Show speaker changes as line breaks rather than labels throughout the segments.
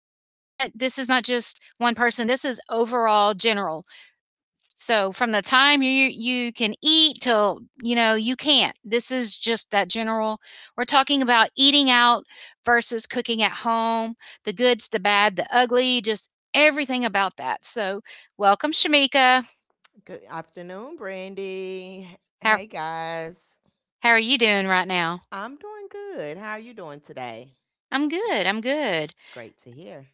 this is not just one person, this is overall general. So from the time you can eat till, you know, you can't. This is just that general we're talking about eating out versus cooking at home, the goods, the bad, the ugly, just everything about that. So, welcome Shamika.
Good afternoon, Brandy.
How
Hey guys.
how are you doing right now?
I'm doing good. How are you doing today?
I'm good. I'm
It's
good.
great to hear.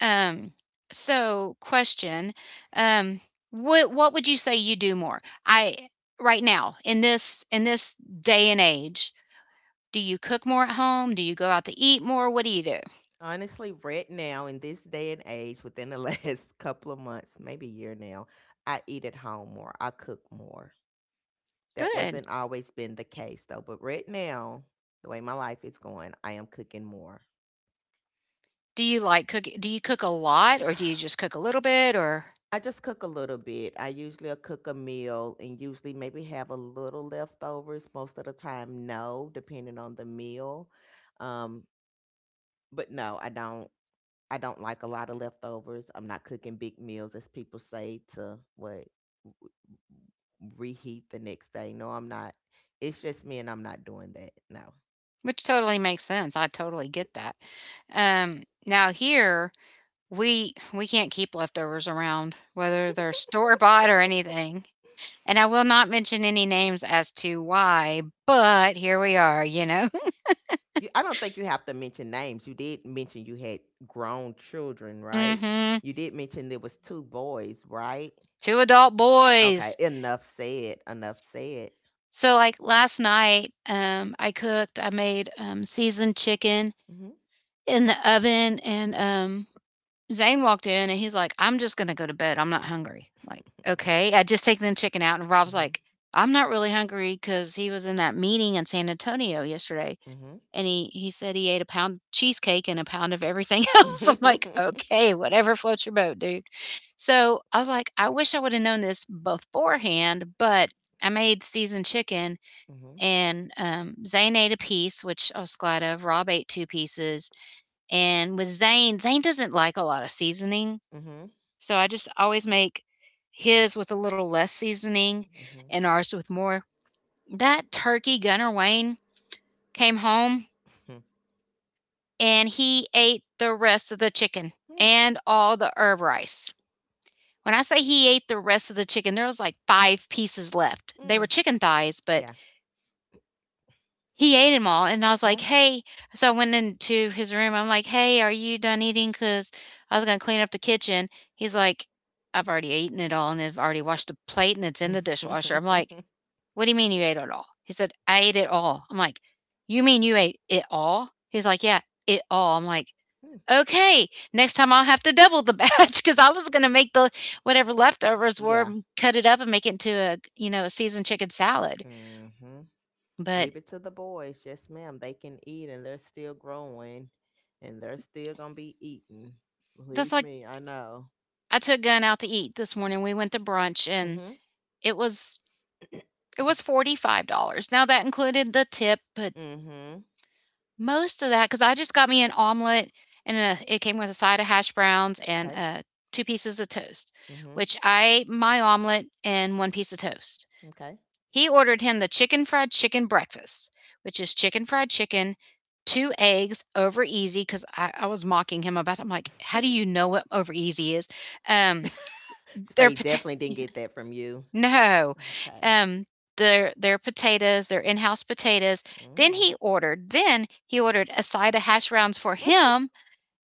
Um so question, um what would you say you do more? I right now in this day and age. Do you cook more at home? Do you go out to eat more? What do you do?
Honestly, right now in this day and age, within the last couple of months, maybe a year now, I eat at home more. I cook more. That
Good.
wasn't always been the case though, but right now, the way my life is going, I am cooking more.
Do you cook a lot or do you just cook a little bit or
I just cook a little bit. I usually will cook a meal and usually maybe have a little leftovers. Most of the time, no, depending on the meal. Um, but no, I don't. I don't like a lot of leftovers. I'm not cooking big meals, as people say, to what reheat the next day. No, I'm not. It's just me, and I'm not doing that. No,
which totally makes sense. I totally get that. Now here we can't keep leftovers around whether they're store bought or anything. And I will not mention any names as to why, but here we are, you know.
you, I don't think you have to mention names. You did mention you had grown children, right?
Mhm.
You did mention there was two boys, right?
Two adult
Okay,
boys.
enough said, enough said.
So like last night, I cooked, I made seasoned chicken
Mhm,
in the oven and Zane walked in and he's like, I'm just gonna go to bed. I'm not hungry. Like, okay. I just taken the chicken out and Rob's
mhm,
like, I'm not really hungry because he was in that meeting in San Antonio yesterday
mhm, mhm,
and he said he ate a pound of cheesecake and a pound of everything else. I'm like, okay, whatever floats your boat, dude. So I was like, I wish I would have known this beforehand, but I made seasoned chicken
mhm,
and Zane ate a piece, which I was glad of. Rob ate two pieces and with Zane, Zane doesn't like a lot of seasoning.
mhm,
So I just always make his with a little less seasoning
mhm,
and ours with more. That turkey Gunner Wayne came home
mhm.
and he ate the rest of the chicken
Mm,
and all the herb rice. When I say he ate the rest of the chicken, there was like five pieces left. They were
mm,
chicken thighs, but
Yeah,
he ate them all, and I was like,
yeah.
"Hey," so I went into his room, I'm like, "Hey, are you done eating? Cause I was gonna clean up the kitchen." He's like, "I've already eaten it all, and I've already washed the plate, and it's in the dishwasher." I'm like, "What do you mean you ate it all?" He said, "I ate it all." I'm like, "You mean you ate it all?" He's like, "Yeah, it all." I'm like,
Mm.
"Okay, next time I'll have to double the batch," cause I was gonna make the whatever leftovers were,
Yeah.
cut it up and make it into a, you know, a seasoned chicken salad.
Mhm.
But
Leave it to the boys. Yes, ma'am. They can eat and they're still growing and they're still going to be eating.
that's
Believe
like,
me, I know.
I took Gunn out to eat this morning. We went to brunch and
Mhm.
it was it was $45. Now that included the tip, but
Mhm.
most of that cuz I just got me an omelet and a, it came with a side of hash browns and
Okay.
two pieces of toast,
Mhm.
which I ate my omelet and one piece of toast.
Okay.
He ordered him the chicken fried chicken breakfast, which is chicken fried chicken, two eggs over easy because I was mocking him about it. I'm like, how do you know what over easy is? Um,
Just
they're
say you
pot-
definitely didn't get that from you.
No,
Okay.
um, their potatoes, their in-house potatoes. Then
Mm.
he ordered then he ordered a side of hash browns for him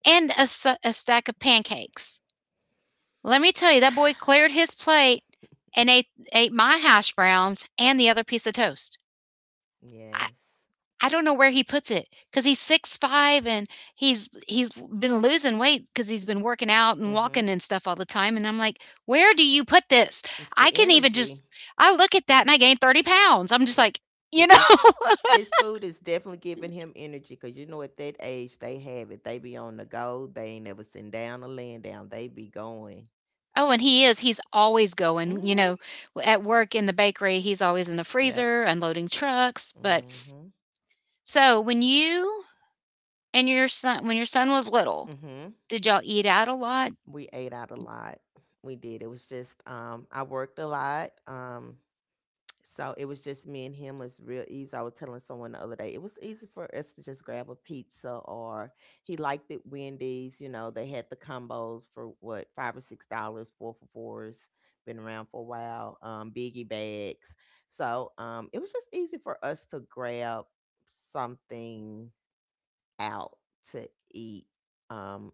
and a, a stack of pancakes. Let me tell you, that boy cleared his plate and ate my hash browns and the other piece of toast.
Yes.
I don't know where he puts it because he's 6'5" and he's been losing weight because he's been working out
Mm.
and
Mhm.
walking and stuff all the time. And I'm like, where do you put this?
It's
I
the
can even
energy.
just I look at that and I gain 30 pounds. I'm just
L-
like, you
It,
know.
it, his food is definitely giving him energy because you know at that age they have it. They be on the go. They ain't never sitting down or laying down. They be going.
Oh, and he is. He's always
Mm.
going. You
Mhm.
know, at work in the bakery, he's always in the
Yep.
freezer unloading trucks. But
Mm. Mhm.
so when you and your son when your son was little,
Mm. Mhm.
did y'all eat out a lot?
We ate out a lot. We did. It was just I worked a lot. So it was just me and him. It was real easy. I was telling someone the other day, it was easy for us to just grab a pizza or he liked it Wendy's, you know, they had the combos for what, $5 or $6, four for fours, been around for a while, biggie bags. So it was just easy for us to grab something out to eat. Um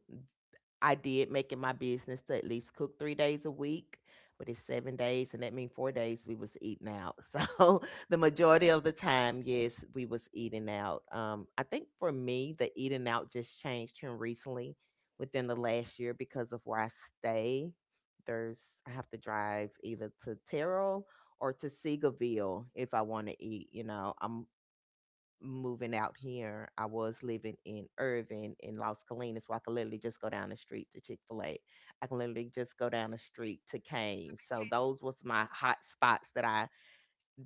I did make it my business to at least cook 3 days a week, but it's 7 days, and that means 4 days we was eating out. So, the majority of the time, yes, we was eating out. I think for me, the eating out just changed here recently within the last year because of where I stay. There's I have to drive either to Terrell or to Seagoville if I want to eat, you know. I'm moving out here, I was living in Irvin in Los Colinas, where I could literally just go down the street to Chick Fil A. I can literally just go down the street to Canes. So those was my hot spots that I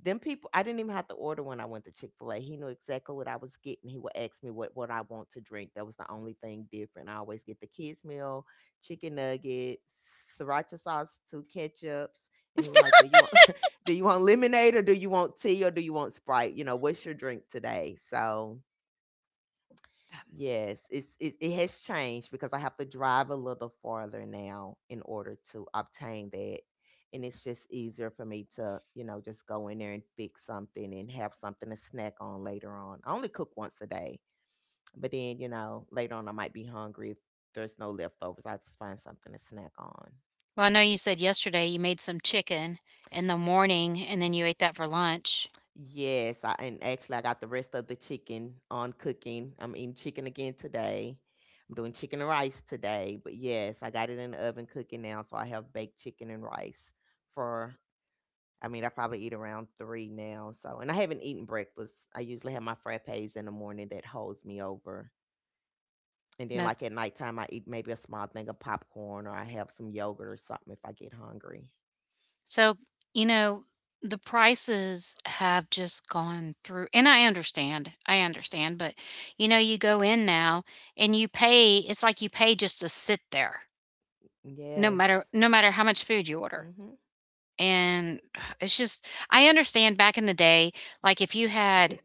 them people. I didn't even have to order when I went to Chick-fil-A. He knew exactly what I was getting. He would ask me what I want to drink. That was the only thing different. I always get the kids meal, chicken nuggets, sriracha sauce, two ketchups, and he was like, do you want do you want lemonade or do you want tea or do you want sprite, you know, what's your drink today? So yes, it's it, it has changed because I have to drive a little farther now in order to obtain that. And it's just easier for me to, you know, just go in there and fix something and have something to snack on later on. I only cook once a day, but then, you know, later on I might be hungry. If there's no leftovers, I just find something to snack on.
Well, I know you said yesterday you made some chicken in the morning and then you ate that for lunch.
Yes, I and actually I got the rest of the chicken on cooking. I'm eating chicken again today. I'm doing chicken and rice today, but yes, I got it in the oven cooking now, so I have baked chicken and rice for I mean, I probably eat around 3 now, so and I haven't eaten breakfast. I usually have my frappes in the morning that holds me over. And then like
That's
at nighttime I eat maybe a small thing of popcorn or I have some yogurt or something if I get hungry.
so, you know, the prices have just gone through. And I understand. I understand. But, you know, you go in now and you pay, it's like you pay just to sit there, no matter,
Yes.
no matter how much food you order.
Mhm.
And it's just, I understand back in the day, like if you had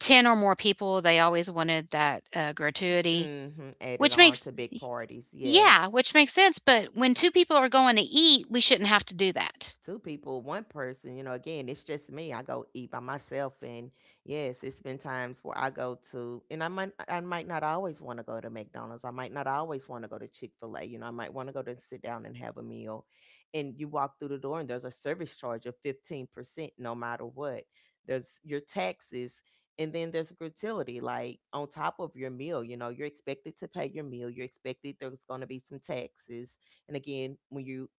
10 or more people, they always wanted that gratuity,
Mhm. Added
which
on
makes,
to big parties. Yes.
yeah, which makes sense, but when two people are going to eat, we shouldn't have to do that.
Two people, one person, you know, again, it's just me. I go eat by myself and yes, it's been times where I go to and I might not always want to go to McDonald's. I might not always want to go to Chick-fil-A. You know, I might want to go to sit down and have a meal. And you walk through the door and there's a service charge of 15% no matter what. There's your taxes and then there's a gratuity like on top of your meal, you know, you're expected to pay your meal. You're expected there's going to be some taxes. And again, when you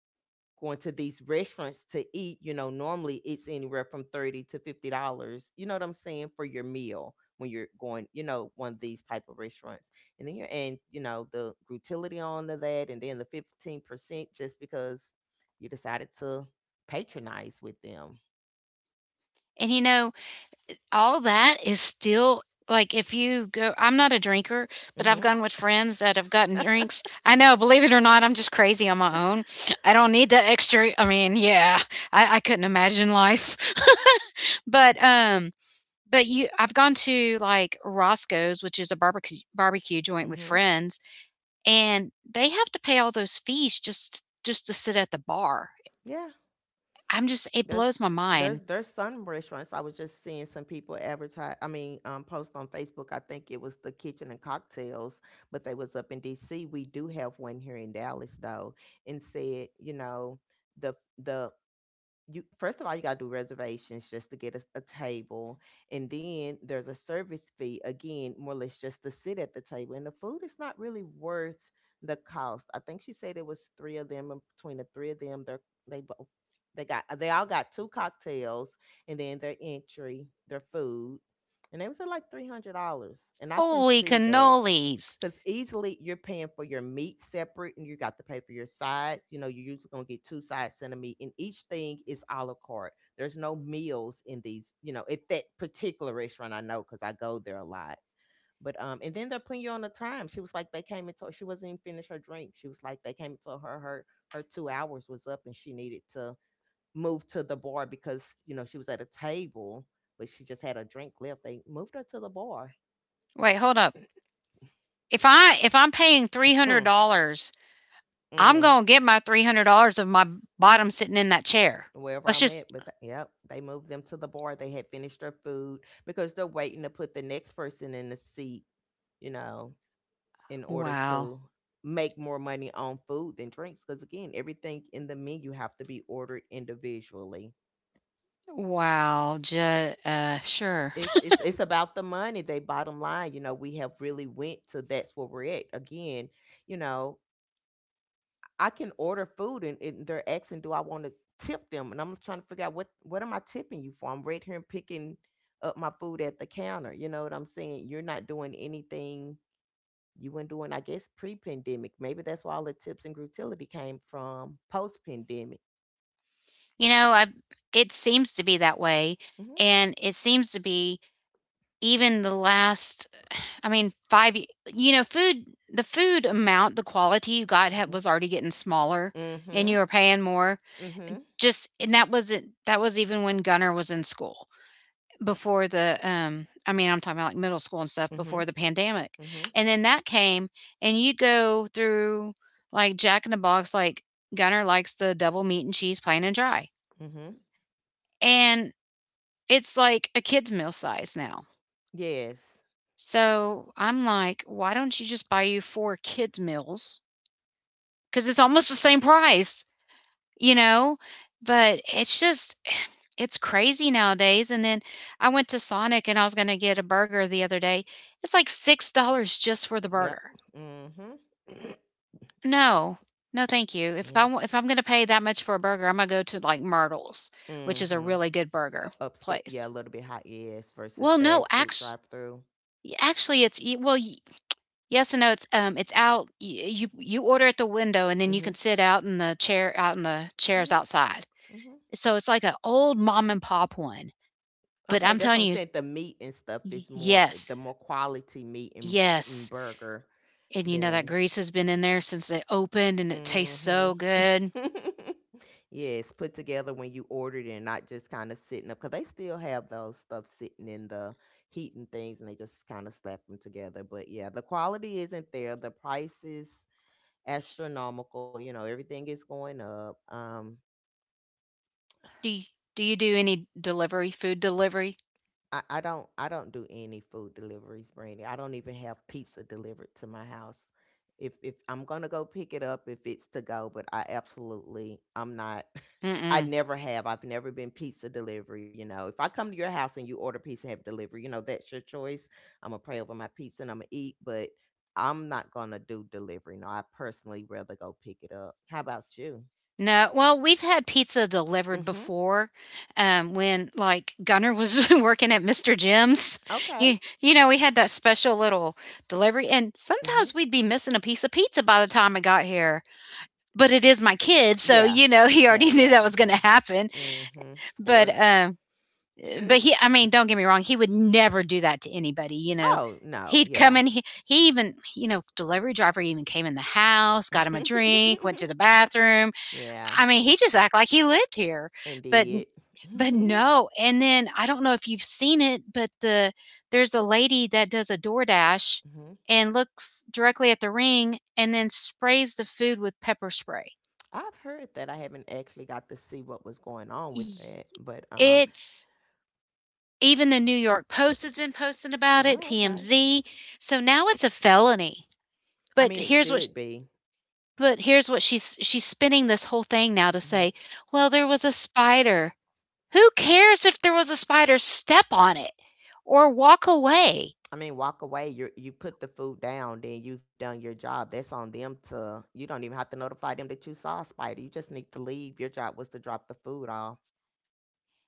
going to these restaurants to eat, you know, normally it's anywhere from 30 to $50, you know what I'm saying, for your meal when you're going, you know, one of these type of restaurants. And then you're and you know, the utility on to that and then the 15% just because you decided to patronize with them.
And you know, all that is still like if you go, I'm not a drinker, but I've
Mhm.
gone with friends that have gotten drinks. I know, believe it or not, I'm just crazy on my own. I don't need the extra. I mean, yeah. I couldn't imagine life. But but you, I've gone to like Roscoe's, which is a barbecue joint with
Mhm.
friends, and they have to pay all those fees just to sit at the bar.
Yeah.
I'm just, it
There's
blows my mind.
there's some restaurants I was just seeing some people advertise. I mean, post on Facebook. I think it was the Kitchen and Cocktails, but they was up in D.C. We do have one here in Dallas though, and said, you know, the the you first of all you got to do reservations just to get a table, and then there's a service fee again more or less just to sit at the table, and the food is not really worth the cost. I think she said it was three of them, and between the three of them they both they got they all got two cocktails and then their food, and they was at like $300, and I can
Holy
see that
cannolis.
because easily you're paying for your meat separate and you got to pay for your sides. You know, you're usually going to get two sides and a meat, and each thing is a la carte. There's no meals in these, you know, at that particular restaurant, I know because I go there a lot. But and then they're putting you on a time. She was like, they came into she wasn't even finished her drink. She was like, they came into her 2 hours was up and she needed to move to the bar because you know she was at a table, but she just had a drink left. They moved her to the bar.
Wait, hold up. If I'm paying $300, I'm going
Mm.
to get my $300 of my bottom sitting in that chair.
Wherever
Let's
I'm at.
just
But yep, they moved them to the bar. They had finished their food because they're waiting to put the next person in the seat, you know, in order
wow.
to make more money on food than drinks. Because again, everything in the menu have to be ordered individually.
Wow, ju sure.
It's about the money. They bottom line, you know, we have really went to that's where we're at. Again, you know, I can order food and, they're asking, do I want to tip them? And I'm trying to figure out what am I tipping you for? I'm right here and picking up my food at the counter. You know what I'm saying? You're not doing anything you weren't doing, I guess, pre pandemic. Maybe that's where all the tips and grutility came from post pandemic.
You know, I it seems to be that way,
Mm-hmm.
and it seems to be even the last I mean, 5 y you know, food the food amount, the quality you got had was already getting smaller, and
Mm-hmm.
you were paying more.
Mm-hmm.
Just and that wasn't that was even when Gunner was in school before the, I mean, I'm talking about, like, middle school and stuff
Mm-hmm.
before the pandemic,
Mm-hmm.
and then that came, and you'd go through, like, Jack in the Box, like, Gunner likes the double meat and cheese plain and dry,
Mm-hmm.
and it's, like, a kid's meal size now.
Yes.
So, I'm like, "Why don't you just buy you 4 kids meals because it's almost the same price. You know?" But it's just it's crazy nowadays. And then I went to Sonic and I was going to get a burger the other day. It's like $6 just for the
Yep.
burger.
Mm-hmm.
No. No, thank you. If I
Yep.
wa- if I'm going to pay that much for a burger, I'm going to go to like Myrtle's, which is a
Mm-hmm.
really good burger
Upscale, yeah, a
place.
little bit high. Yes, versus
Well, no,
fast food
actually
drive through.
actually it's y- well y- yes and no, it's it's out you you order at the window and then you
Mm-hmm.
can sit out in the chairs
Mhm,
outside,
mhm.
so it's like an old mom and pop one. But
Okay,
I'm
that's
telling
what I'm
you,
saying. The meat and stuff is
y
more eh,
yes,
the more quality meat and
yes,
burger
and you know that
than
grease has been in there since it opened, and it tastes
mhm.
so good.
Yes, put together when you ordered it and not just kind of sitting up cuz they still have those stuff sitting in the heat and things and they just kind of slap them together. But yeah, the quality isn't there. The price is astronomical, you know, everything is going up.
Do you do you do any delivery, food delivery?
I don't I don't do any food deliveries, Brandy. I don't even have pizza delivered to my house. If I'm gonna go pick it up, if it's to go, but I absolutely I'm not. I
Mm-mm.
never have. I've never been pizza delivery. You know, if I come to your house and you order pizza and have delivery, you know that's your choice. I'm gonna pray over my pizza and I'm gonna eat, but I'm not gonna do delivery. No, I personally rather go pick it up. How about you?
No, well, we've had pizza delivered
Mm-hmm.
before, when, like, Gunner was working at Mr. Jim's.
Okay.
You know, we had that special little delivery, and
Mm-hmm.
sometimes we'd be missing a piece of pizza by the time I got here, but it is my kid, so,
Yeah.
you know, he
Yeah.
already knew
Yeah.
that was
Yeah.
gonna happen,
Mm-hmm. Of
but,
course.
um but he, I mean, don't get me wrong, he would never do that to anybody, you know.
Oh, no,
He'd come
yeah.
in, he even you know delivery driver even came in the house, got him a drink, went to the bathroom.
Yeah,
I mean, he just act like he lived here. but
indeed.
but no, and then I don't know if you've seen it, but there's a lady that does a DoorDash
Mhm.
and looks directly at the ring and then sprays the food with pepper spray.
I've heard that. I haven't actually got to see what was going on with
Y-
that, but,
it's Even the New York Post has been posting about it,
oh, okay.
TMZ. So now it's a felony.
I
But
mean, it should be.
but here's what she's spinning this whole thing now to
Mhm.
say, well, there was a spider. Who cares if there was a spider? Step on it or walk away.
I mean, walk away, you put the food down, then you've done your job. That's on them to you don't even have to notify them that you saw a spider, you just need to leave. Your job was to drop the food off.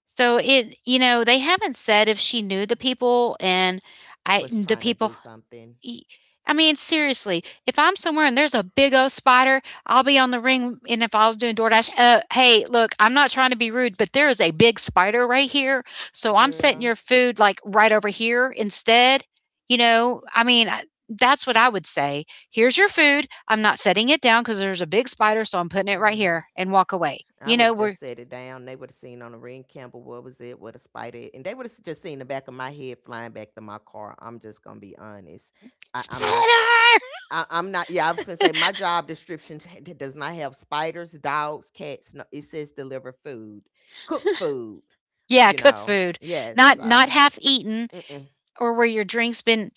So it, you know, they haven't said if she knew the people and I
Was
the
trying to do
people
something.
E I mean, seriously, if I'm somewhere and there's a big old spider, I'll be on the ring. And if I was doing DoorDash, hey, look, I'm not trying to be rude, but there is a big spider right here. So I'm setting
Girl,
your food like right over here instead. You know, I mean, that's what I would say. Here's your food. I'm not setting it down because there's a big spider. So I'm putting it right
uh
here and walk away.
I
You
would
know,
have
we're
just set it down. They would have seen on the ring Campbell what was it, what a spider, and they would have just seen the back of my head flying back to my car. I'm just gonna be honest. I'm
spider.
not. I'm not. Yeah, I'm gonna say my job description does not have spiders, dogs, cats. No, it says deliver food, cooked food.
Yeah,
You
cook
know.
food,
Yes.
not
So.
half eaten
Mm-mm,
or where your drink's been.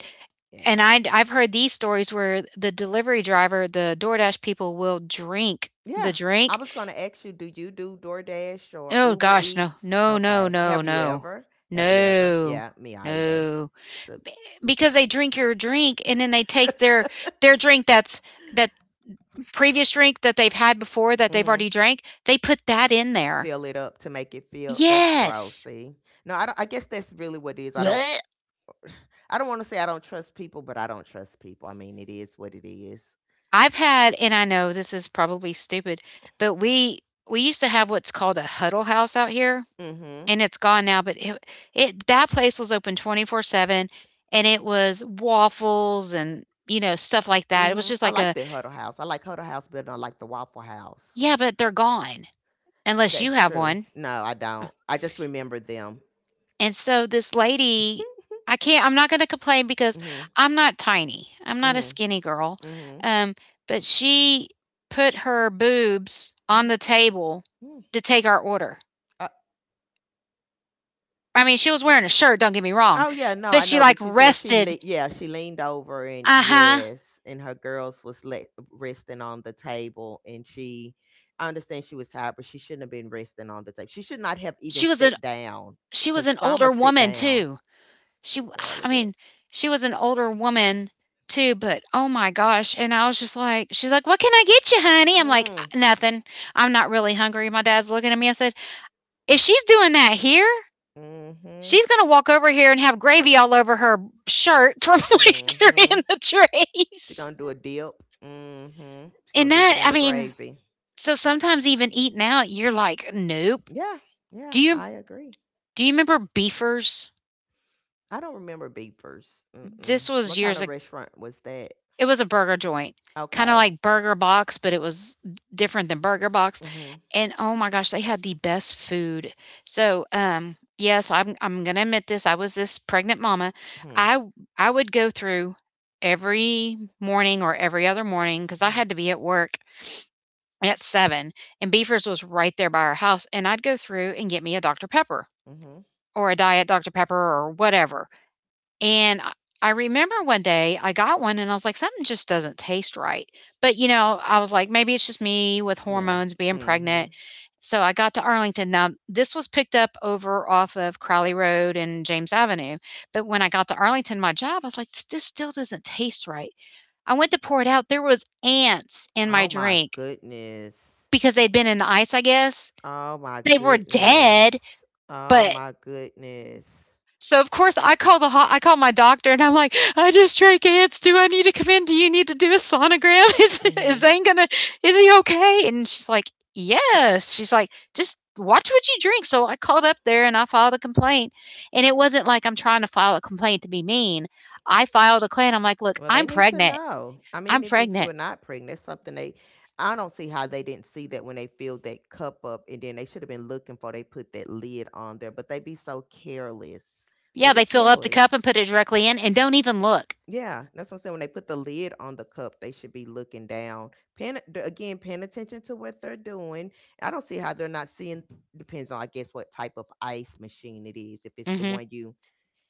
yeah.
And I've heard these stories where the delivery driver, the DoorDash people will drink the
Yeah. I
drink.
was gonna ask you do DoorDash or
Oh
Uber
gosh, no.
Eats?
No, no,
Okay.
no,
Have you
no.
ever? Have you ever?
No.
Yeah. Me either.
No.
So.
Because they drink your drink and then they take their drink that's that previous drink that they've had before that they've
Mm-hmm.
already drank, they put that in there.
Fill it up to make it feel that's gross,
Yes.
see? No, I don't, I guess that's really what it is.
Blech.
I don't want to say I don't trust people, but I don't trust people. I mean, it is what it is.
I've had, and I know this is probably stupid, but we used to have what's called a Huddle House out here.
Mhm.
And it's gone now, but it that place was open 24/7, and it was waffles and, you know, stuff like that. It was
Mhm.
just
I
like
like
a
the Huddle House. I like Huddle House better than I like the Waffle House.
"Yeah, but they're gone unless you
That's
have
true.
one."
No, I
Uh,
don't. I just remember them.
and so this lady, I can't I'm not gonna complain because
Mhm.
I'm not tiny, I'm not a
Mhm.
skinny girl,
Mhm.
um, but she put her boobs
Yeah.
on the table
Mm.
to take our order. I mean, she was wearing a shirt, don't get me wrong,
Oh yeah, no,
but
I
she,
know,
like,
but you're saying she
rested.
yeah, she leaned over and
Uh-huh.
yes, and her girls was resting on the table and she I understand she was tired, but she shouldn't have been resting on the table. She should not have even
She was an
sat down
She was
cuz
an
some
older
must sit
woman,
down.
too. She
It's
I
relevant.
mean, she was an older woman, too, but, oh my gosh, and I was just like, she's like, "What can I get you, honey?" I'm like,
Mm,
"Nothing. I'm not really hungry." My dad's looking at me. I said, "If she's doing that here,
mm mhm.
she's gonna walk over here and have gravy all over her shirt from, like,
Mhm.
carrying the
She
trays."
going to do a dip. Mm. Mhm. She going
And
to dip it
that,
in
I
the
mean,
gravy.
so sometimes even eating out, you're like, "Nope."
Yeah. Yeah,
Do you
I agree.
do you remember Beefers?
I don't remember Beavers. Mm-mm.
This was
What kind
years
of
ago.
restaurant was that?
It was a burger joint, kind of
Okay.
like Burger Box, but it was different than Burger Box.
Mhm.
And oh my gosh, they had the best food. So, yes, I'm gonna admit this. I was this pregnant mama.
Mhm.
I I would go through every morning or every other morning because I
Mhm.
had to be at work at seven, and Beefers was right there by our house, and I'd go through and get me a Dr Pepper
Mhm.
or a Diet Dr Pepper or whatever. And I remember one day I got one and I was like, something just doesn't taste right. But, you know, I was like, maybe it's just me with
Yeah.
hormones being
Mhm.
pregnant. So I got to Arlington. Now, this was picked up over off of Crowley Road and James Avenue. But when I got to Arlington, my job, I was like, this still doesn't taste right. I went to pour it out. There was ants in
Oh
my
my
drink
goodness.
because they'd been in the ice, I guess.
Oh my
They were dead,
goodness. Oh
but
my goodness.
so of course I I call my doctor and I'm like, I just drank ants. Do I need to come in? Do you need to do a sonogram? Is
Mhm.
Zane gonna? Is he okay? And she's like, yes. She's like, just watch what you drink. So I called up there and I filed a complaint. And it wasn't like I'm trying to file a complaint to be mean. I filed a complaint. I'm like, look,
Well, they
I'm
need to
pregnant.
know. I
I'm
mean, if you
pregnant.
are not pregnant, that's something they. I don't see how they didn't see that when they filled that cup up, and then they should have been looking for. They put that lid on there, but they be so careless. They
Yeah,
be
they fill up the cup
careless.
and put it directly in and don't even look.
Yeah, that's what I'm saying. When they put the lid on the cup, they should be looking down. Again, paying attention to what they're doing. I don't see how they're not seeing. Depends on, I guess, what type of ice machine it is. If it's the
Hmm.
one you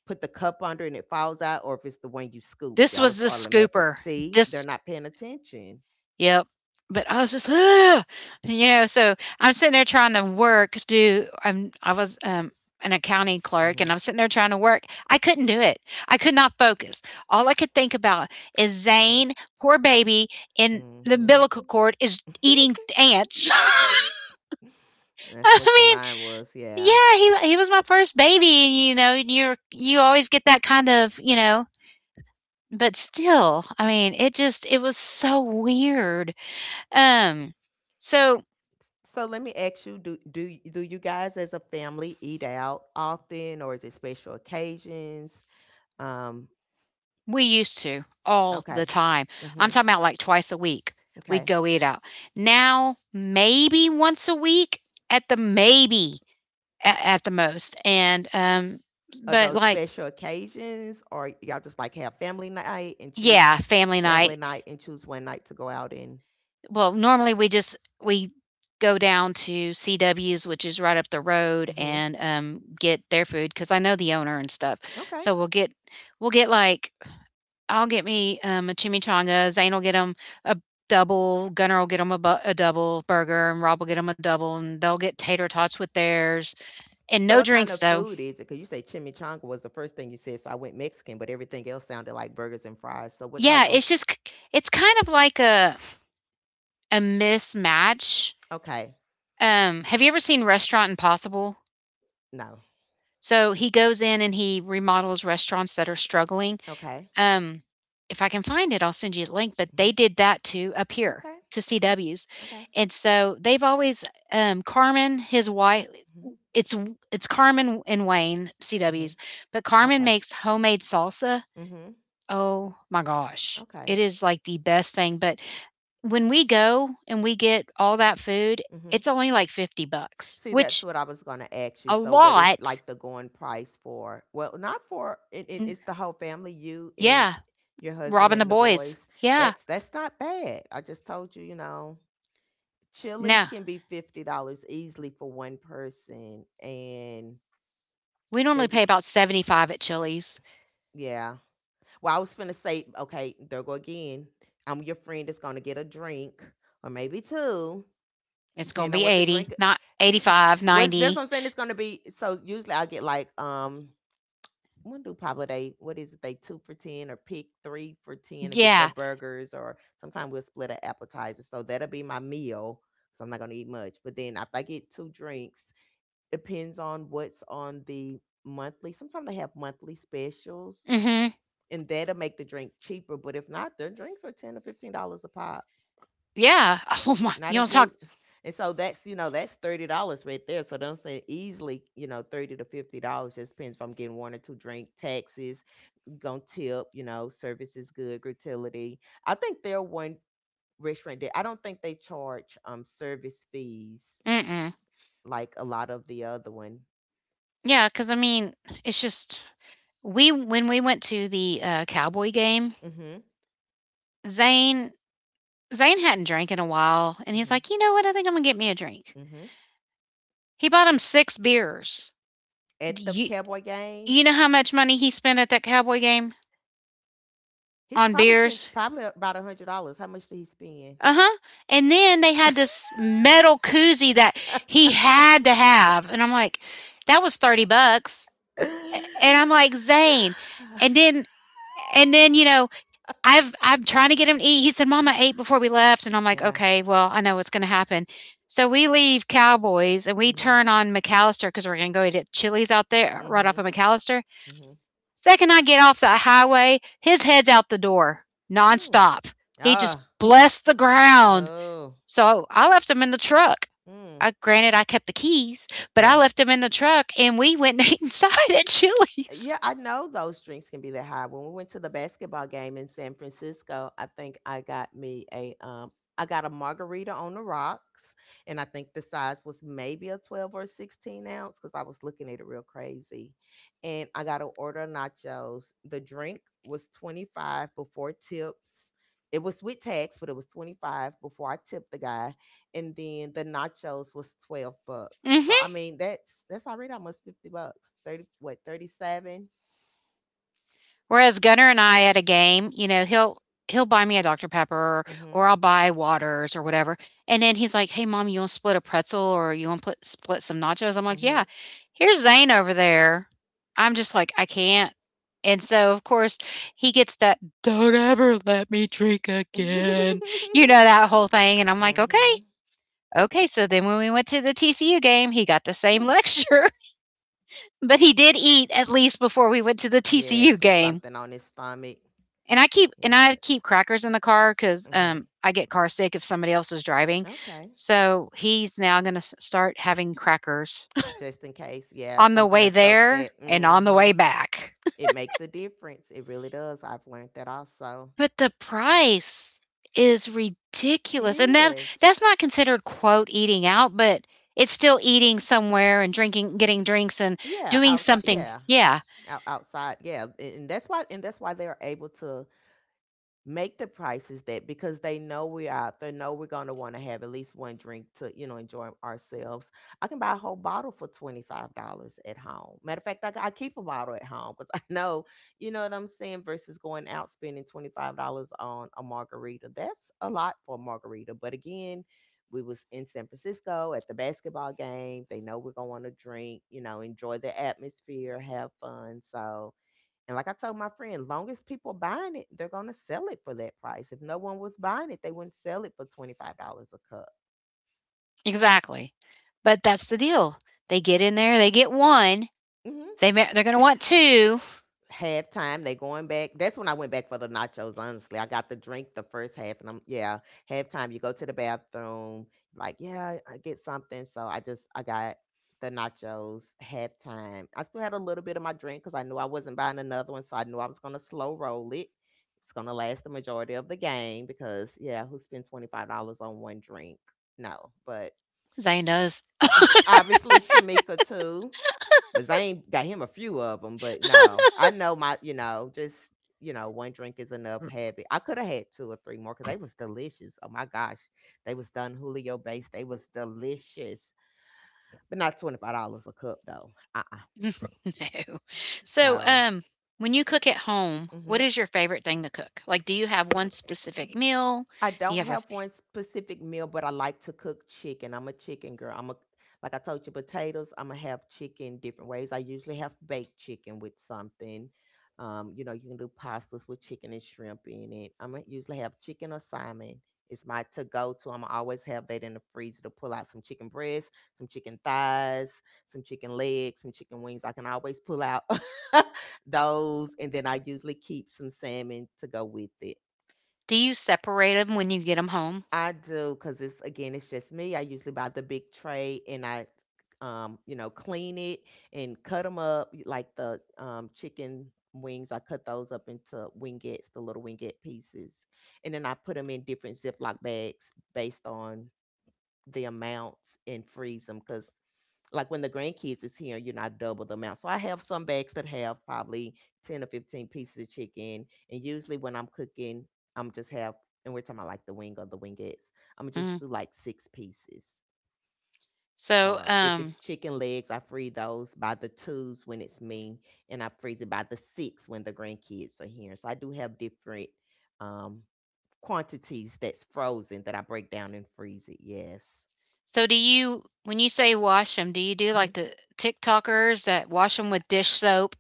put the cup under and it falls out, or if it's the one you scoop. See,
This
I
was
was
the
automatically.
scooper.
See, they're
This
not paying attention.
Yep. But I was just, ugh! You know, so I'm sitting there trying to work, do I'm I was an accounting clerk
Mm-hmm.
and I'm sitting there trying to work. I couldn't do it. I could not focus. All I could think about is Zane, poor baby, in the
Mm-hmm.
umbilical cord is eating ants.
That's what your
I
mind was.
mean,
Yeah.
yeah, he was my first baby, and you know, and you always get that kind of, you know, but still, I mean, it just it was so weird. Um, so
S- So let me ask you, do you guys as a family eat out often or is it special occasions? Um,
we used to all the
okay.
time.
Mm-hmm.
I'm talking about like twice a week. We'd
Okay.
go eat out. Now, maybe once a week at the at the most. And
Are
but
those
like
special occasions or y'all just like have family night and choose
yeah, family
family
night.
night and choose one night to go out in?
Well, normally we just we go down to C W's, which is right up the road,
Mm-hmm.
and get their food because I know the owner and stuff.
Okay.
So we'll get like, I'll get me, a chimichanga, Zane'll get him a double, Gunner'll get him a bu a double burger, and Rob will get him a double, and they'll get tater tots with theirs, and
So
no
what kind
drinks,
of
though.
food is it? Because you say chimichanga was the first thing you said, so I went Mexican, but everything else sounded like burgers and fries. So what
Yeah,
type of
it's just it's kind of like a mismatch.
okay.
Have you ever seen Restaurant Impossible?
No.
So, he goes in and he remodels restaurants that are struggling.
Okay.
Um, if I can find it, I'll send you a link, but
Hmm.
they did that too up here,
Okay.
to
Okay.
CW's,
Okay.
and so they've always, Carmen, his wife,
Mhm,
It's it's Carmen and Wayne,
mhm.
CW's, but Carmen
Okay.
makes homemade salsa.
Mhm.
Oh my gosh.
Okay.
It is like the best thing, but when we go and we get all that food,
Mhm.
it's only like 50 bucks,
See, that's
which
what I was going to ask you.
a
So what is
lot.
like the going price for well, not for it, it,
mm,
it's the whole family, you and
yeah,
your
Rob
husband
and the
and the
boys.
boys.
Yeah.
That's not bad. I just told you, you know, chilies
No.
can be $50 easily for one person and
We
there
normally
you
pay
g-
about 75 at Chili's.
yeah. Well, I was finna say, okay, there go again. I'm your friend that's gonna get a drink or maybe two.
It's going
Depending
to
on
be
what the
80,
drink
not 85,
was that's
90.
what I'm saying. It's gonna be so usually I get like when do Pablo they what is it, they two for ten or pick three for ten
90.
to get their
Yeah.
burgers or sometimes we'll split an appetizer. So that'll be my meal. So I'm not gonna eat much. But then if I get two drinks, depends on what's on the monthly. Sometimes they have monthly specials.
Mhm.
And that'll make the drink cheaper. But if not, their drinks are $10 to $15 a pop.
Yeah. Oh my.
Not
You don't talk.
include and so that's, you know, that's $30 right there. So don't say easily, you know, 30 to $50. Just depends if I'm getting one or two drink, taxes, gonna tip, you know, service is good, gratuity. I think they're one restaurant that I don't think they charge service fees
Mm-mm.
like a lot of the other one.
Yeah, cuz I mean, it's just, We when we went to the, Cowboy game,
Mm-hmm.
Zane Zane hadn't drank in a while, and he's
Mm-hmm.
like, "You know what? I think I'm gonna get me a drink."
Mm-hmm.
He bought him 6 beers. Do
At the
you
cowboy game,
you know how much money he spent at that Cowboy game
he's
on
probably spent
beers?
probably about $100. How much did he spend?
Uh-huh. And then they had this metal koozie that he had to have, and I'm like, "That was 30 bucks." And I'm like, "Zane." And then and then, you know, I'm trying to get him to eat. He said, "Mom, I ate before we left," and I'm like,
Yeah.
"Okay, well, I know what's going to happen." So we leave Cowboys and we
Mhm.
turn on McAllister because we're going to go eat at Chili's out there, right off
Mhm.
of McAllister.
Mhm.
Second I get off the highway, his head's out the door
Mm.
nonstop. He just
Ah.
blessed the ground.
Oh.
So I left him in the truck.
Hmm.
I, granted, I kept the keys, but I
Yeah.
left him in the truck and we went and ate inside at Chili's.
Yeah, I know those drinks can be that high. When we went to the basketball game in San Francisco, I think I got me a I got a margarita on the rocks, and I think the size was maybe a 12 or a 16-ounce because I was looking at it real crazy. And I got an order of nachos. The drink was 25 before tips. It was with tax, but it was 25 before I tipped the guy and then the nachos was 12 bucks. So I
Hmm.
mean that's already almost 50 bucks. 30 what 37?
Whereas Gunner and I at a game, you know, he'll buy me a Dr. Pepper
Mhm.
or I'll buy waters or whatever, and then he's like, "Hey, mom, you wanna split a pretzel or you wanna put split some nachos?" I'm like, "Yeah."
Mhm.
Here's Zane over there. I'm just like, "I can't." And so, of course, he gets that, "Don't ever let me drink again," you know, that whole thing, and I'm like, "Okay,
Mhm.
okay." So then when we went to the TCU game, he got the same
Mm.
lecture, but he did eat at least before we went to the
Yes,
TCU
put
game.
something on his stomach.
And I keep and I
Yes.
keep crackers in the car 'cause,
Mhm.
I get car sick if somebody else is driving.
Okay.
So, he's now gonna start having crackers
Just in case. Yeah,
on the
something
way
to soak
there
that.
and on the way
Mhm.
back.
It makes a difference. It really does. I've learned that also.
But the price is
It
ridiculous, and that
is.
that's not considered, quote, "eating out," but it's still eating somewhere and drinking, getting drinks and
Yeah,
doing
outside.
something.
Yeah.
Yeah,
Out, outside. Yeah, and that's why they're able to make the prices that because they know we're out there, know we're going to want to have at least one drink to, you know, enjoy ourselves. I can buy a whole bottle for $25 at home. Matter of fact, I keep a bottle at home because I know, you know what I'm saying, versus going out spending $25 on a margarita. That's a lot for a margarita. But again, we was in San Francisco at the basketball game. They know we're going to want to drink, you know, enjoy the atmosphere, have fun. So, and like I told my friend, long as people buying it, they're gonna sell it for that price. If no one was buying it, they wouldn't sell it for $25 a cup.
exactly. But that's the deal. They get in there, they get 1,
Hmm.
they're gonna want 2.
Halftime, they going back. That's when I went back for the nachos, honestly. I got the drink the first half and I'm yeah, halftime you go to the bathroom, like, yeah, I get something. So I got the nachos halftime. I still had a little bit of my drink because I knew I wasn't buying another one. So I knew I was gonna slow roll it. It's gonna last the majority of the game because yeah, who spent $25 on one drink? No. But
Zane does.
obviously, Shamika too, but Zane got him a few of them. But no, I know my, you know, just you know, one drink is enough. Habit. I could have had two or three more because they was delicious. Oh my gosh, they was done Julio based. They was delicious, but not $25 a cup though. Uh.
No. So,
So.
um, when you cook at home, what is
Mhm.
your favorite thing to cook? Like, do you have one specific meal?
I
Do you have
don't
a f
have one specific meal, but I like to cook chicken. I'm a chicken girl. I'm a Like I told you, potatoes. I'm gonna have chicken different ways. I usually have baked chicken with something. You know, you can do pastas with chicken and shrimp in it. I'm gonna usually have chicken or salmon. It's my to go to. I'm always have that in the freezer to pull out some chicken breasts, some chicken thighs, some chicken legs, some chicken wings. I can always pull out those, and then I usually keep some salmon to go with it.
do you separate them when you get them home?
I do, cause it's again, it's just me. I usually buy the big tray and you know, clean it and cut them up like the chicken wings. I cut those up into wingettes, the little wingette pieces, and then I put them in different Ziploc bags based on the amounts and freeze them. Cause like when the grandkids is here, you know, I double the amount. So I have some bags that have probably 10 or 15 pieces of chicken. And usually when I'm cooking, I'm just have, and we're talking about like the wing or the wingettes, I'm
Mm.
just do like six pieces.
So,
Or if it's chicken legs, I freeze those by the twos when it's me, and I freeze it by the six when the grandkids are here. So I do have different um, quantities that's frozen that I break down and freeze it. Yes.
so do you when you say wash them, do you do
Mm-hmm.
like the TikTokers that wash them with dish soap?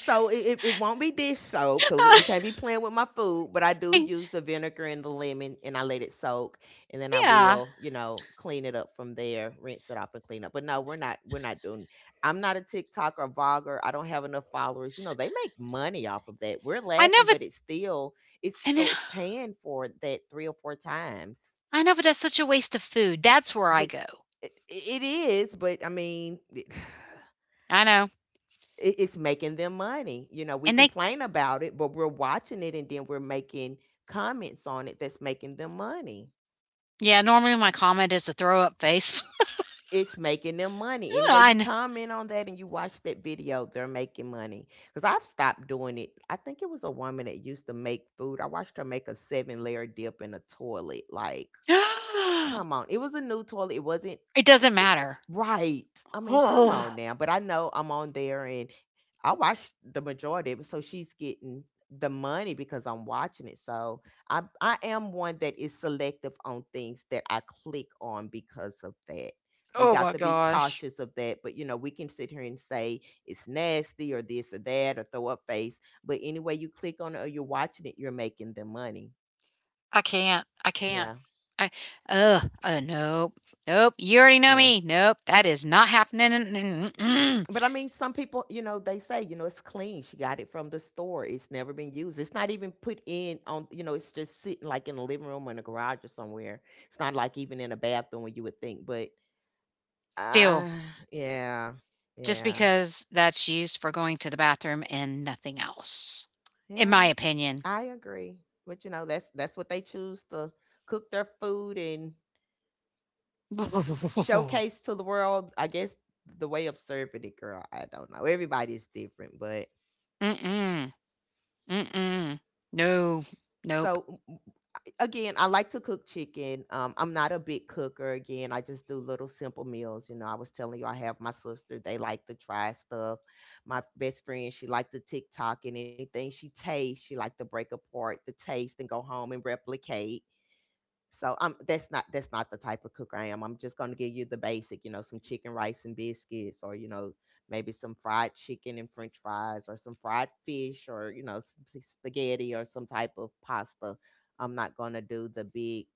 So it won't be dish soap because we can't be playing with my food, but I do use the vinegar and the lemon and I let it soak, and then I
Yeah.
will, you know, clean it up from there, rinse it off and clean up. But no, we're not doing I'm not a TikTok or vlogger. I don't have enough followers. You know, they make money off of that. We're
I know,
laughing, but
but
it's still it's
I know,
so it's paying for that three or four times.
I know, but that's such a waste of food. That's where I
But
go.
it is, but I mean,
I know.
it's making them money. You know, we
And they
complain about it, but we're watching it and then we're making comments on it that's making them money.
yeah, normally my comment is a throw up face.
It's making them money. Anyway, you
I
comment on that and you watch that video, they're making money. Because I've stopped doing it. I think it was a woman that used to make food. I watched her make a seven layer dip in a toilet. Like,
know.
come on. It was a new toilet. It wasn't.
It doesn't matter.
Right. I mean, come on
Oh,
now. But I know I'm on there and I watch the majority of it. So she's getting the money because I'm watching it. So I am one that is selective on things that I click on because of that. We
oh
got
my
to be
gosh.
cautious of that. But you know, we can sit here and say it's nasty or this or that or throw up face. But anyway you click on it or you're watching it, you're making the money.
I can't. I can't.
Yeah.
I Ugh. Nope. Nope. You already know
Yeah.
me. Nope. That is not happening.
But I mean, some people, you know, they say, you know, it's clean. She got it from the store. It's never been used. It's not even put in on, you know, it's just sitting like in the living room or in the garage or somewhere. It's not like even in a bathroom where you would think. But
Still,
uh yeah.
just
Yeah.
because that's used for going to the bathroom and nothing else, in
Yeah.
my opinion.
I agree. But you know, that's what they choose to cook their food and
Mm-mm.
showcase to the world. I guess the way of serving it, girl. I don't know. Everybody's different, but
Mm-mm. No. Nope.
so again, I like to cook chicken. I'm not a big cooker. Again, I just do little simple meals. You know, I was telling you, I have my sister. They like to try stuff. My best friend, she liked to TikTok and anything she tastes, she liked to break apart the taste and go home and replicate. So I'm. That's not the type of cook I am. I'm just gonna give you the basic, you know, some chicken rice and biscuits or, you know, maybe some fried chicken and french fries or some fried fish or, you know, spaghetti or some type of pasta. I'm not gonna do the big.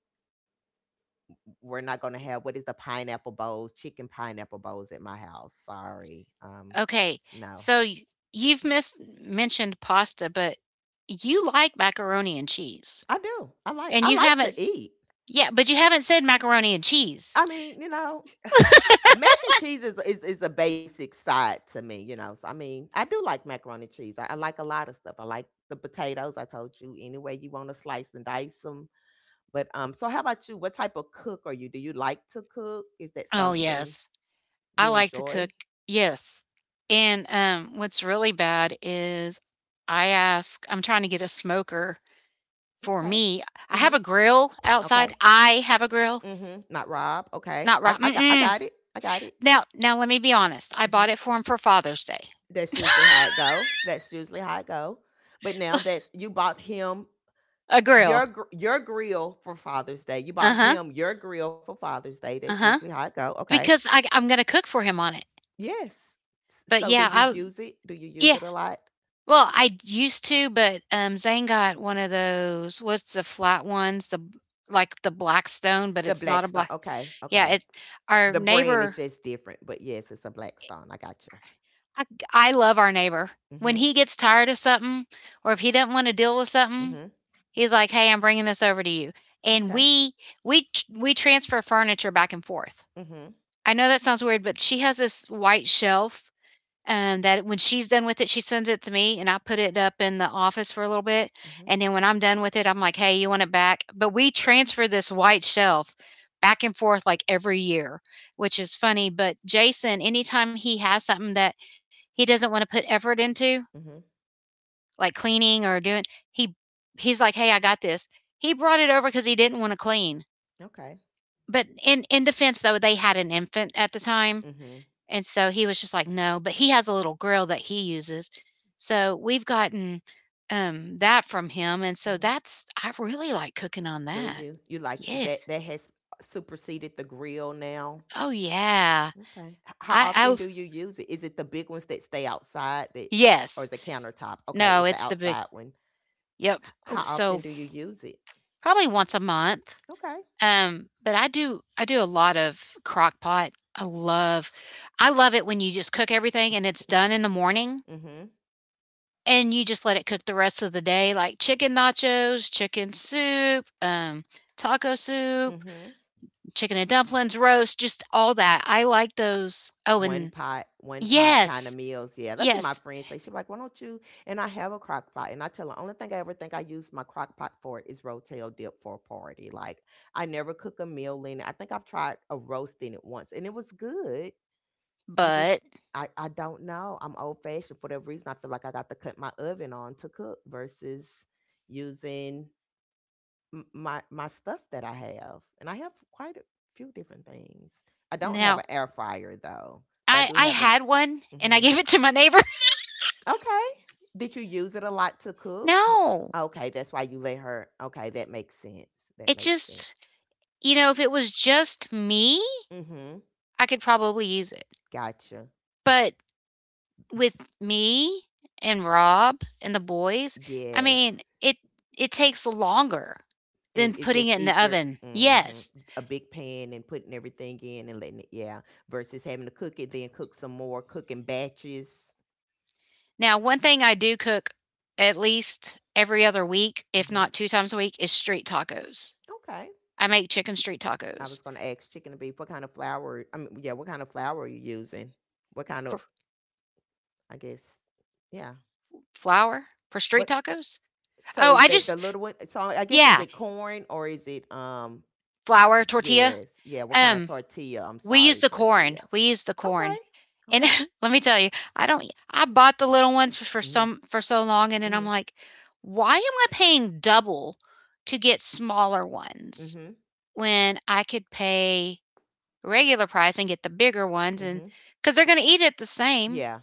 We're not gonna have, what is the pineapple bowls, chicken pineapple bowls at my house. Sorry.
Okay.
No.
So you've mentioned pasta, but you like macaroni and cheese,
I do.
and
I
you
like
haven't.
to eat.
Yeah, but you haven't said macaroni and cheese.
I mean, you know, Mac and cheese is a basic side to me, you know. So I mean, I do like macaroni and cheese. I like a lot of stuff. I like the potatoes. I told you any way you want to slice and dice them. But so how about you? What type of cook are you? Do you like to cook? Is that
Oh,
something
yes. I
you
like to cook.
enjoy?
Yes. And what's really bad is I'm trying to get a smoker for
Okay.
me. I
Mm-hmm.
have a grill outside.
Okay.
I have a grill.
Mm-hmm. Not Rob. Okay.
Not
I,
right.
I got I
Mm-mm.
got it. I got it.
Now, now let me be honest. I
Mm-hmm.
bought it for him for Father's Day.
That's usually how it go. That's usually how it go. But now that's you bought him,
A grill.
your grill for Father's Day. You
Uh
bought
huh.
him your grill for Father's Day. That's
Uh huh.
usually how it go. Okay.
Because I'm going to cook for him on it.
Yes. S-
But
So do
yeah,
you
I
use it? Do you use
yeah
it a lot?
Well, used to, but, Zane got one of those. What's the flat ones? The b Like, the Blackstone, but
The
it's not a
Blackstone.
black
Okay.
yeah,
Okay.
it our
The brand is
neighbor
just different, but yes, it's a Blackstone. I got you.
I Love our neighbor. When
Mhm.
he gets tired of something, or if he doesn't wanna deal with something,
Mhm.
he's like, "Hey, I'm bringing this over to you," and
Okay.
we transfer furniture back and forth.
Mhm.
I know that sounds weird, but she has this white shelf. That when she's done with it, she sends it to me, and I put it up in the office for a little bit,
Mhm.
and then when I'm done with it, I'm like, "Hey, you want it back?" But we transfer this white shelf back and forth like every year, which is funny. But Jason, anytime he has something that he doesn't wanna put effort into,
Mhm.
like cleaning or doing he he's like, "Hey, I got this." He brought it over because he didn't wanna clean.
Okay.
But in defense, though, they had an infant at the time,
Mhm.
and so he was just like, "No," but he has a little grill that he uses. So we've gotten, that from him, and so
Mhm.
that's, I really like cooking on
Do
that.
you? You like that?
Yes.
That has superseded the grill now.
Oh, yeah.
Okay. How
I
often do
was
you use it? Is it the big ones that stay outside that, or
Yes.
is it countertop? Okay,
No,
it's the
it's the big.
outside one.
Yep. Oh,
How
so
often do you use it?
probably once a month.
Okay.
But I do a lot of crock pot. I love it when you just cook everything and it's done in the morning.
Mhm.
And you just let it cook the rest of the day, like chicken nachos, chicken soup, taco soup,
Mhm.
chicken and dumplings, roast, just all that. I like those. Oh, and
One pot kind of
yes,
meals. Yeah, that's what my
yes.
friends say. She's like, "Why don't you?" And I have a crock pot, and I tell her, "Only thing I ever think I use my crock pot for is rotel dip for a party. Like, I never cook a meal in it. I think I've tried a roast in it once, and it was good, I
But
just I don't know. I'm old fashioned for whatever reason. I feel like I got to cut my oven on to cook versus using my my stuff that I have, and I have quite a few different things. I don't have
now,
an air fryer though, but I
I
do
I
have a.
had one and I
hmm
gave it to my neighbor.
Okay, did you use it a lot to cook?
No,
Okay, that's why you let her. Okay, that makes sense. That
it
makes sense.
just, you know, if it was just me,
Mm-hmm.
I could probably use it.
Gotcha.
But with me and Rob and the boys, I
Yes.
mean, it takes longer
And
than
it's
putting
just
it in the
easier.
oven. Yes.
A big pan and putting everything in and letting it, yeah, versus having to cook it, then cook some more, cooking batches.
Now, one thing I do cook at least every other week, if
hmm
not two times a week, is street tacos.
Okay.
I make chicken street
I
tacos
was going to ask chicken and beef, what kind of flour, I mean, yeah, what kind of flour are you using? What kind of,
for
I guess, yeah.
flour, for street
What,
tacos.
so
Oh,
is
I
that
just
the little one? So I guess is
yeah,
it corn or is it,
Flour tortilla.
yes, yeah, what kind of
Um,
tortilla? I'm
We use
sorry,
the corn.
tortilla.
We use the
Okay.
corn. And
Okay.
let me tell you, I don't I bought the little ones for for
hmm
some for so long, and then I'm
hmm
like, why am I paying double to get smaller ones
hmm
when I could pay regular price and get the bigger ones, and
hmm
cuz they're going to eat it the same.
Yeah.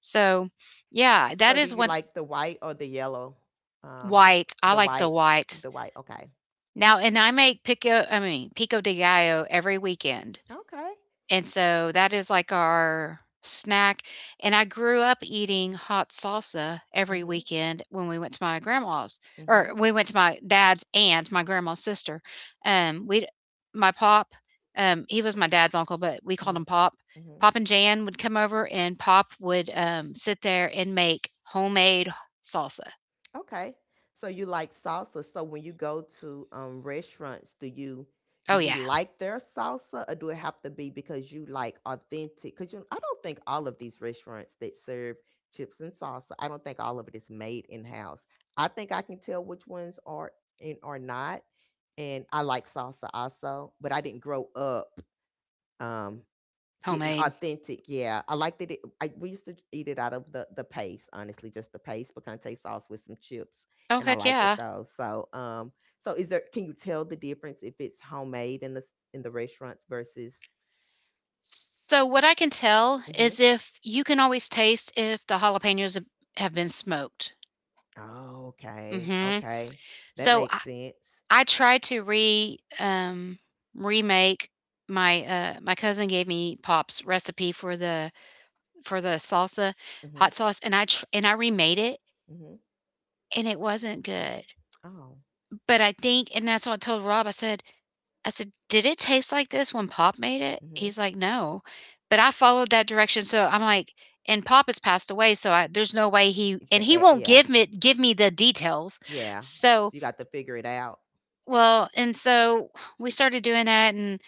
So, yeah, that
So do
is
you
one.
like the white or the yellow? Um,
White. I
the
like the
white,
white.
the white. Okay.
Now, and I make pico de gallo every weekend.
Okay.
And so that is like our snack, and I grew up eating hot salsa every
Mhm.
weekend when we went to my grandma's, or
Mhm.
we went to my dad's and my grandma's sister. We My pop, he was my dad's uncle, but we called
Mhm.
him Pop.
Mhm.
Pop and Jan would come over, and Pop would, sit there and make homemade salsa.
Okay. So you like salsa. So when you go to restaurants, do
Oh,
you
yeah,
like their salsa or do it have to be because you like authentic? Because you, I don't think all of these restaurants that serve chips and salsa, I don't think all of it is made in house. I think I can tell which ones are and are not. And I like salsa also, but I didn't grow up um Getting
homemade.
authentic, yeah. I like that it I We used to eat it out of the paste, honestly, just the paste picante sauce with some chips.
Oh,
And I
heck
liked it
yeah.
though. So so is there, can you tell the difference if it's homemade in the restaurants versus.
So what I can tell
hmm
is if you can always taste if the jalapenos have been smoked.
Oh, okay.
Mhm.
Okay. That
So
makes
I
sense.
I tried to re remake my, my cousin gave me Pop's recipe for the salsa,
Mm-hmm.
hot sauce, and I remade it,
Mm-hmm.
and it wasn't good.
Oh.
But I think, and that's what I told Rob. I said, "Did it taste like this when Pop made it?"
Mm-hmm.
He's like, "No." But I followed that direction, so I'm like, and Pop has passed away, so I there's no way he,
You
and
can
he
add,
won't
yeah.
give me the details.
Yeah.
So,
So you got to figure it out.
well, and so we started doing that, and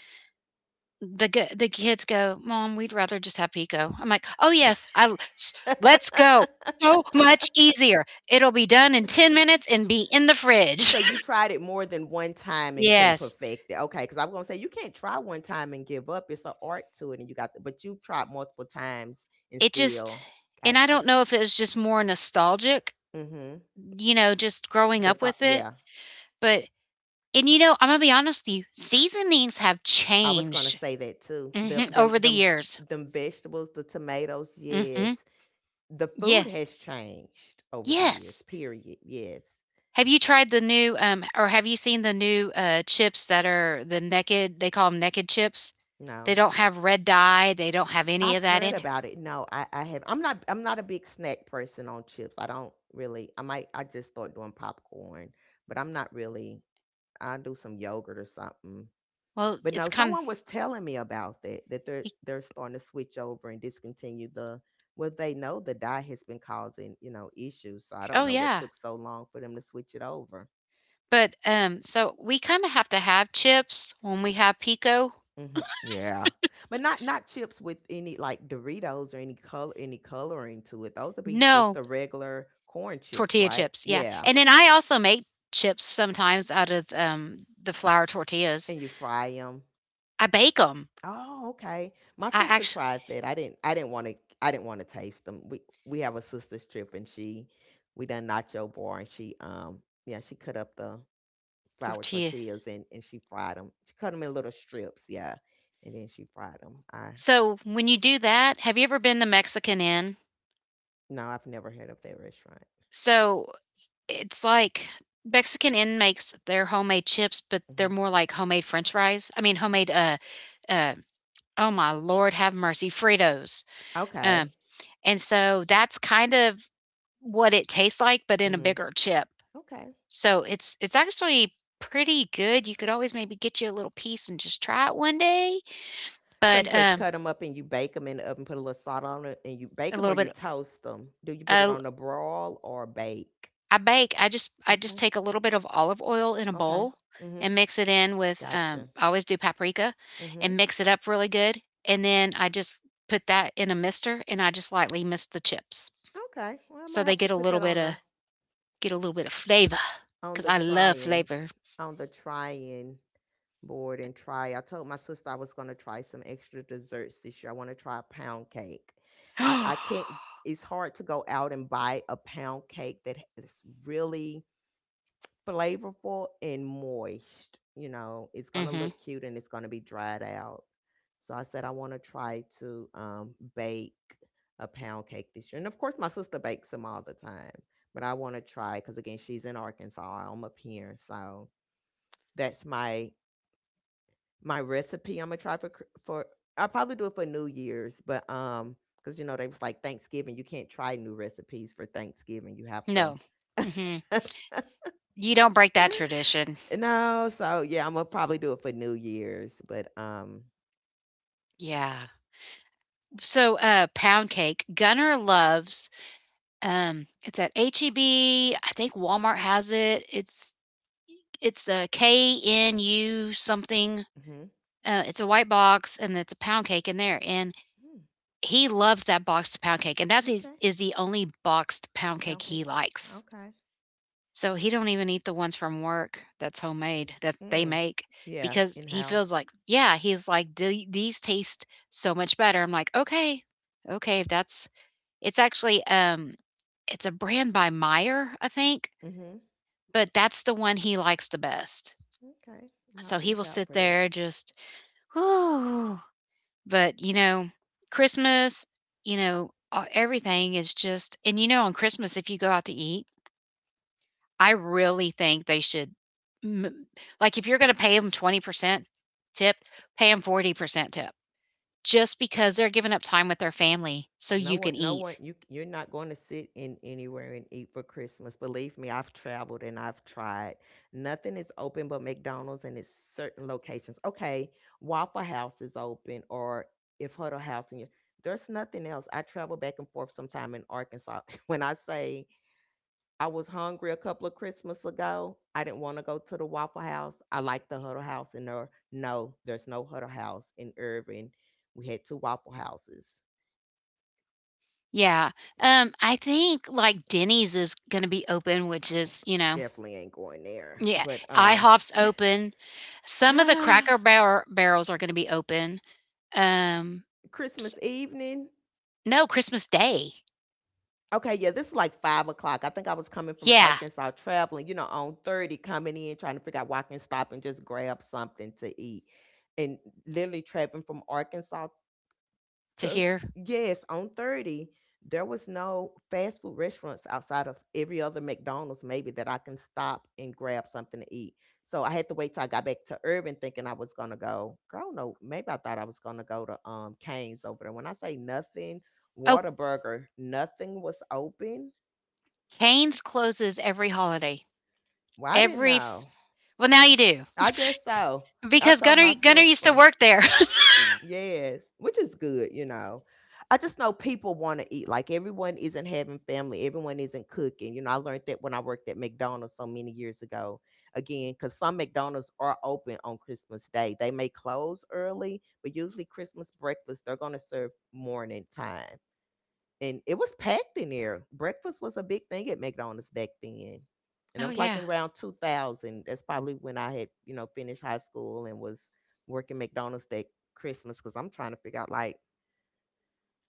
the kids go, "Mom, we'd rather just have pico." I'm like, "Oh yes, let's go." So much easier. It'll be done in 10 minutes and be in the fridge.
So you tried it more than one time and couldn't
Yes.
perfect it, okay? Because I am gonna say you can't try one time and give up. It's an art to it, and you got the, but you've tried multiple times and
It just,
still,
and I
gotcha.
don't know if it was just more nostalgic,
Mhm.
you know, just growing
The
up
thought,
with it.
yeah.
But, and you know, I'm gonna be honest with you, seasonings have
I was gonna
changed
say that too. Them,
hmm
them,
over the
them, v-
years.
them vegetables, the tomatoes.
Hmm
Yes, the food
Yeah.
has changed over the years.
Yes.
Period. Yes.
Have you tried the new or have you seen the new chips that are the naked chips? They
No.
don't have red dye, they don't have any
I've
of that
heard
in it.
about it. No, I have. I'm not a big snack person on chips. I don't really. I might. I just start doing popcorn, but I'm not really. I do some yogurt or something.
Well,
But
it's
no,
kind
someone was telling me about that. That they're
of,
they're starting to switch over and discontinue the. Well, they know the dye has been causing, you know, issues, so I don't
oh
know what
yeah.
took so long for them to switch it over.
But so we kind of have to have chips when we have pico.
Mhm. Yeah. But not chips with any like Doritos or any coloring to it. Those would be
No.
just the regular corn chips,
Tortilla
right?
chips, yeah,
Yeah.
and then I also make chips sometimes out of, the flour tortillas.
And you fry them.
I bake them.
Oh, okay. My
I
sister
actually
tried that. I didn't want to, I didn't want to taste them. We have a sister's trip and she, we done nacho bar and she yeah, she cut up the flour
tortilla
tortillas and she fried them. She cut them in little strips, yeah. And then she fried them. I
So when you do that, have you ever been to Mexican Inn?
no, I've never heard of that restaurant.
So, it's like Mexican Inn makes their homemade chips, but they're
hmm
more like homemade french fries. I mean, homemade, uh, oh my lord, have mercy, Fritos, um,
Okay.
and so that's kind of what it tastes like, but in a
Mhm.
bigger chip.
Okay.
So it's actually pretty good. You could always maybe get you a little piece and just try it one day.
So
But
you just cut them up and you bake them in the oven, put a little salt on it, and you bake
a
them or
little
you
bit,
toast them. Do you put it
uh,
on the broil or bake?
I bake. I just
Okay.
take a little bit of olive oil in a
Okay.
bowl
Mhm.
and mix it in with.
Gotcha.
I always do paprika and
Mhm.
mix it up really good. And then I just put that in a mister and I just lightly mist the chips
Okay. Well, I
so
might
they
have to
get a
put
little
that
bit
on
of
the,
get a little bit of flavor
on
because
the
I love
trying
flavor.
on the trying board and try. I told my sister I was going to try some extra desserts this year. I want to try a pound cake. I
Mm-hmm.
I can't, it's hard to go out and buy a pound cake that is really flavorful and moist. You know, it's going to look cute and it's going to be dried out. So I said, I want to try to bake a pound cake this year. And of course, my sister bakes them all the time, but I want to try because, again, she's in Arkansas. I'm up here. So that's my recipe I'm going to try for, I'll probably do it for New Year's, but, because they was like Thanksgiving, you can't try new recipes for Thanksgiving. You have to.
No. Mm-hmm. You don't break that tradition.
No, so yeah, I'm gonna probably do it for New Year's, but um.
Yeah. So, pound cake. Gunner loves. It's at H E B. I think Walmart has it. It's a K N U something.
Mhm.
It's a white box, and it's a pound cake in there. And
mm
he loves that boxed pound cake, and that's his,
okay,
is the only boxed pound cake
pound cake,
he likes.
okay,
So he don't even eat the ones from work that's homemade that they
mm,
make,
yeah,
because
in
he feels
house,
like, yeah, he's like, "The- "these taste so much better." I'm like, okay, okay, if that's. It's actually, it's a brand by Meijer, I think,
mm-hmm,
but that's the one he likes the best.
okay, I'm gonna have
So
to
he
look
will
out
sit
for that.
there just, whoo. But, you know, Christmas, you know, everything is just, and, you know, on Christmas, if you go out to eat, I really think they should m like, if you're gonna pay them 20% tip, pay them 40% tip just because they're giving up time with their family so
No
you
one,
can
no one,
eat.
you're not going to sit in anywhere and eat for Christmas. Believe me, I've traveled and I've tried. Nothing is open but McDonald's and it's certain locations. Okay, Waffle House is open or if Huddle House and you, there's nothing else. I travel back and forth sometime in Arkansas. When I say I was hungry a couple of Christmas ago, I didn't want to go to the Waffle House. I like the Huddle House and there no, there's no Huddle House in Irving. We had two Waffle Houses.
Yeah, I think, like, Denny's is gonna be open, which is, you know.
Definitely ain't going there.
Yeah,
But um.
IHOP's open. Some of the
Ah,
Cracker Barrel Barrels are gonna be open, um, s
Christmas evening.
no, Christmas Day.
Okay, yeah, this is like 5 o'clock. I think I was coming from
Yeah,
Arkansas traveling, you know, on 30, coming in, trying to figure out where I can stop and just grab something to eat. And literally traveling from Arkansas
to
to,
hear.
yes, on 30, there was no fast food restaurants outside of every other McDonald's maybe that I can stop and grab something to eat. So I had to wait till I got back to Urban thinking I was gonna go. Girl, no, maybe I thought I was gonna go to Canes over there. When I say nothing,
Oh,
Waterburger, nothing was open.
Cane's closes every holiday.
Well, I didn't
Every f
know.
Well, now you do,
I guess so. I
because
told my
Gunner used to
sister.
work there.
Yes, which is good, you know. I just know people want to eat. Like everyone isn't having family, everyone isn't cooking. You know, I learned that when I worked at McDonald's so many years ago. Again, because some McDonald's are open on Christmas Day. They may close early, but usually Christmas breakfast, they're going to serve morning time and it was packed in there. Breakfast was a big thing at McDonald's back then. And it
Oh,
was like
yeah.
in around 2000. That's probably when I had, you know, finished high school and was working McDonald's that Christmas because I'm trying to figure out, like,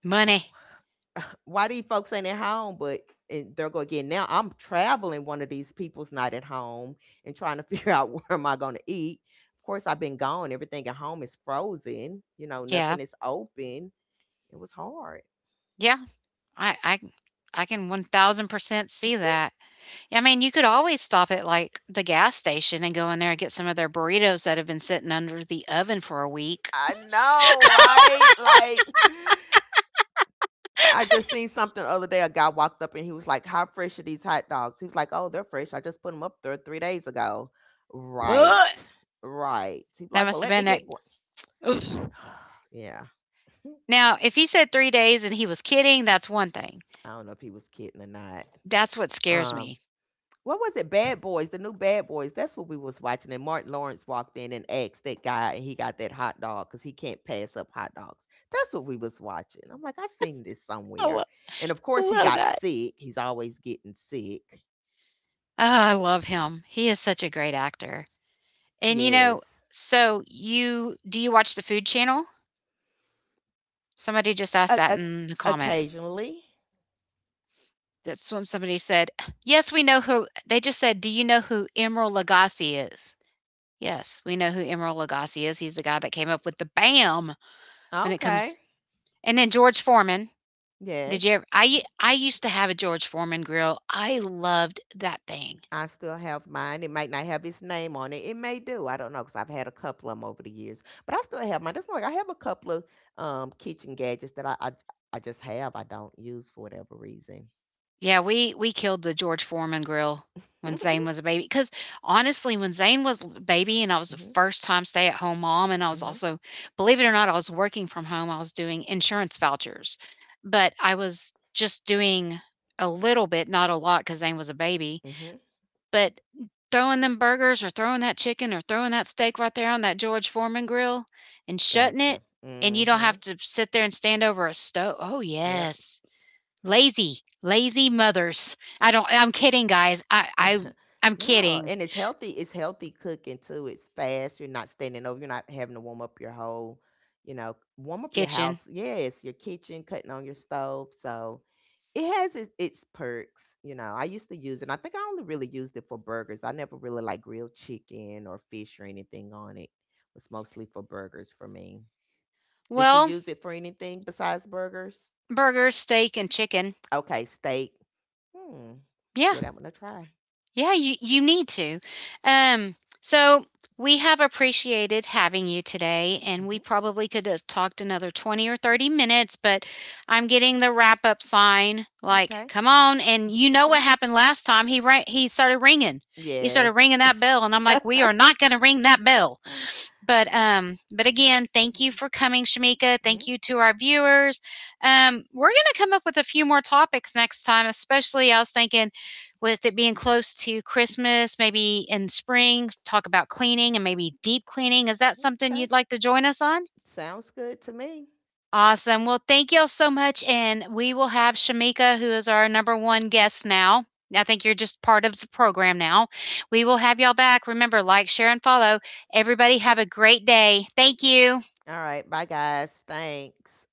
Money.
wh- why these folks ain't at home? But and they're going to get now. I'm traveling. One of these people's not at home and trying to figure out where am I going to eat. Of course, I've been gone. Everything at home is frozen. You know,
Yeah.
nothing is open. It was hard.
Yeah. I I I can 1000% see that. I mean, you could always stop at, like, the gas station and go in there and get some of their burritos that have been sitting under the oven for a week.
I know, right? Like I just seen something the other day. A guy walked up and he was like, "How fresh are these hot dogs?" He was like, "Oh, they're fresh. I just put them up there 3 days ago."
Ugh.
Right, right. He's
That
like,
must
"Well,
have
let me
been it.
get one." Yeah,
Now, if he said 3 days and he was kidding, that's one thing.
I don't know if he was kidding or not.
That's what scares
Um,
me.
what was it? Bad Boys, the new Bad Boys. That's what we was watching. And Martin Lawrence walked in and asked that guy, and he got that hot dog because he can't pass up hot dogs. That's what we was watching. I'm like, I seen this
Oh,
somewhere.
I
And of course, he
love
got
that.
sick. He's always getting sick.
Ah, I love him. He is such a great actor. And, you
Yes.
know, you do you watch the Food Channel? Somebody just asked
O-
that
o-
in the comments.
Occasionally.
That's when somebody said, "Yes, we know who," they just said, "Do you know who Emeril Lagasse is?" Yes, we know who Emeril Lagasse is. He's the guy that came up with the "Bam!" when it comes,
Okay.
and then George Foreman. Did you
Yes.
ever, I used to have a George Foreman grill. I loved that thing.
I still have mine. It might not have its name on it. It may do. I don't know because I've had a couple of them over the years, but I still have mine. Just like I have a couple of kitchen gadgets that I just have. I don't use for whatever reason.
Yeah, we killed the George Foreman grill when Zane
Mhm.
was a baby. Because honestly, when Zane was a baby and I was a first-time stay-at-home mom, and I was
Mhm.
also, believe it or not, I was working from home. I was doing insurance vouchers, but I was just doing a little bit, not a lot, because Zane was a baby,
Mhm.
but throwing them burgers or throwing that chicken or throwing that steak right there on that George Foreman grill and shutting it,
Gotcha.
and you don't
Mhm.
have to sit there and stand over a stove. Oh
Yep.
yes, lazy, lazy mothers. I don't. I'm kidding, guys. I'm
No,
kidding.
and it's healthy. It's healthy cooking too. It's fast. You're not standing over. You're not having to warm up your whole, you know, warm up your
Kitchen.
house. Yes, your kitchen, cutting on your stove. So it has its perks. You know, I used to use it. And I think I only really used it for burgers. I never really like grilled chicken or fish or anything on it. It was mostly for burgers for me. Did you
Well,
use it for anything besides burgers?
burgers, steak, and chicken.
Okay, steak. Hmm.
Yeah,
Give that one a try.
yeah, you need to. Um, so we have appreciated having you today, and we
Hmm.
probably could have talked another 20 or 30 minutes, but I'm getting the wrap up sign like,
Okay.
come on. And you know what happened last time? He started ringing. He started
Yes.
ringing that bell, and I'm like, we are not going to ring that bell. But but again, thank you for coming, Shamika. Thank
Mhm.
you to our viewers. We're going to come up with a few more topics next time. Especially, I was thinking, with it being close to Christmas, maybe in spring, talk about cleaning, and maybe deep cleaning. Is that something
Okay.
you'd like to join us on?
Sounds good to me.
Awesome. Well, thank y'all so much, and we will have Shamika, who is our number one guest now. I think you're just part of the program now. We will have y'all back. Remember, like, share, and follow. Everybody, have a great day. Thank you.
All right. Bye, guys. Thanks.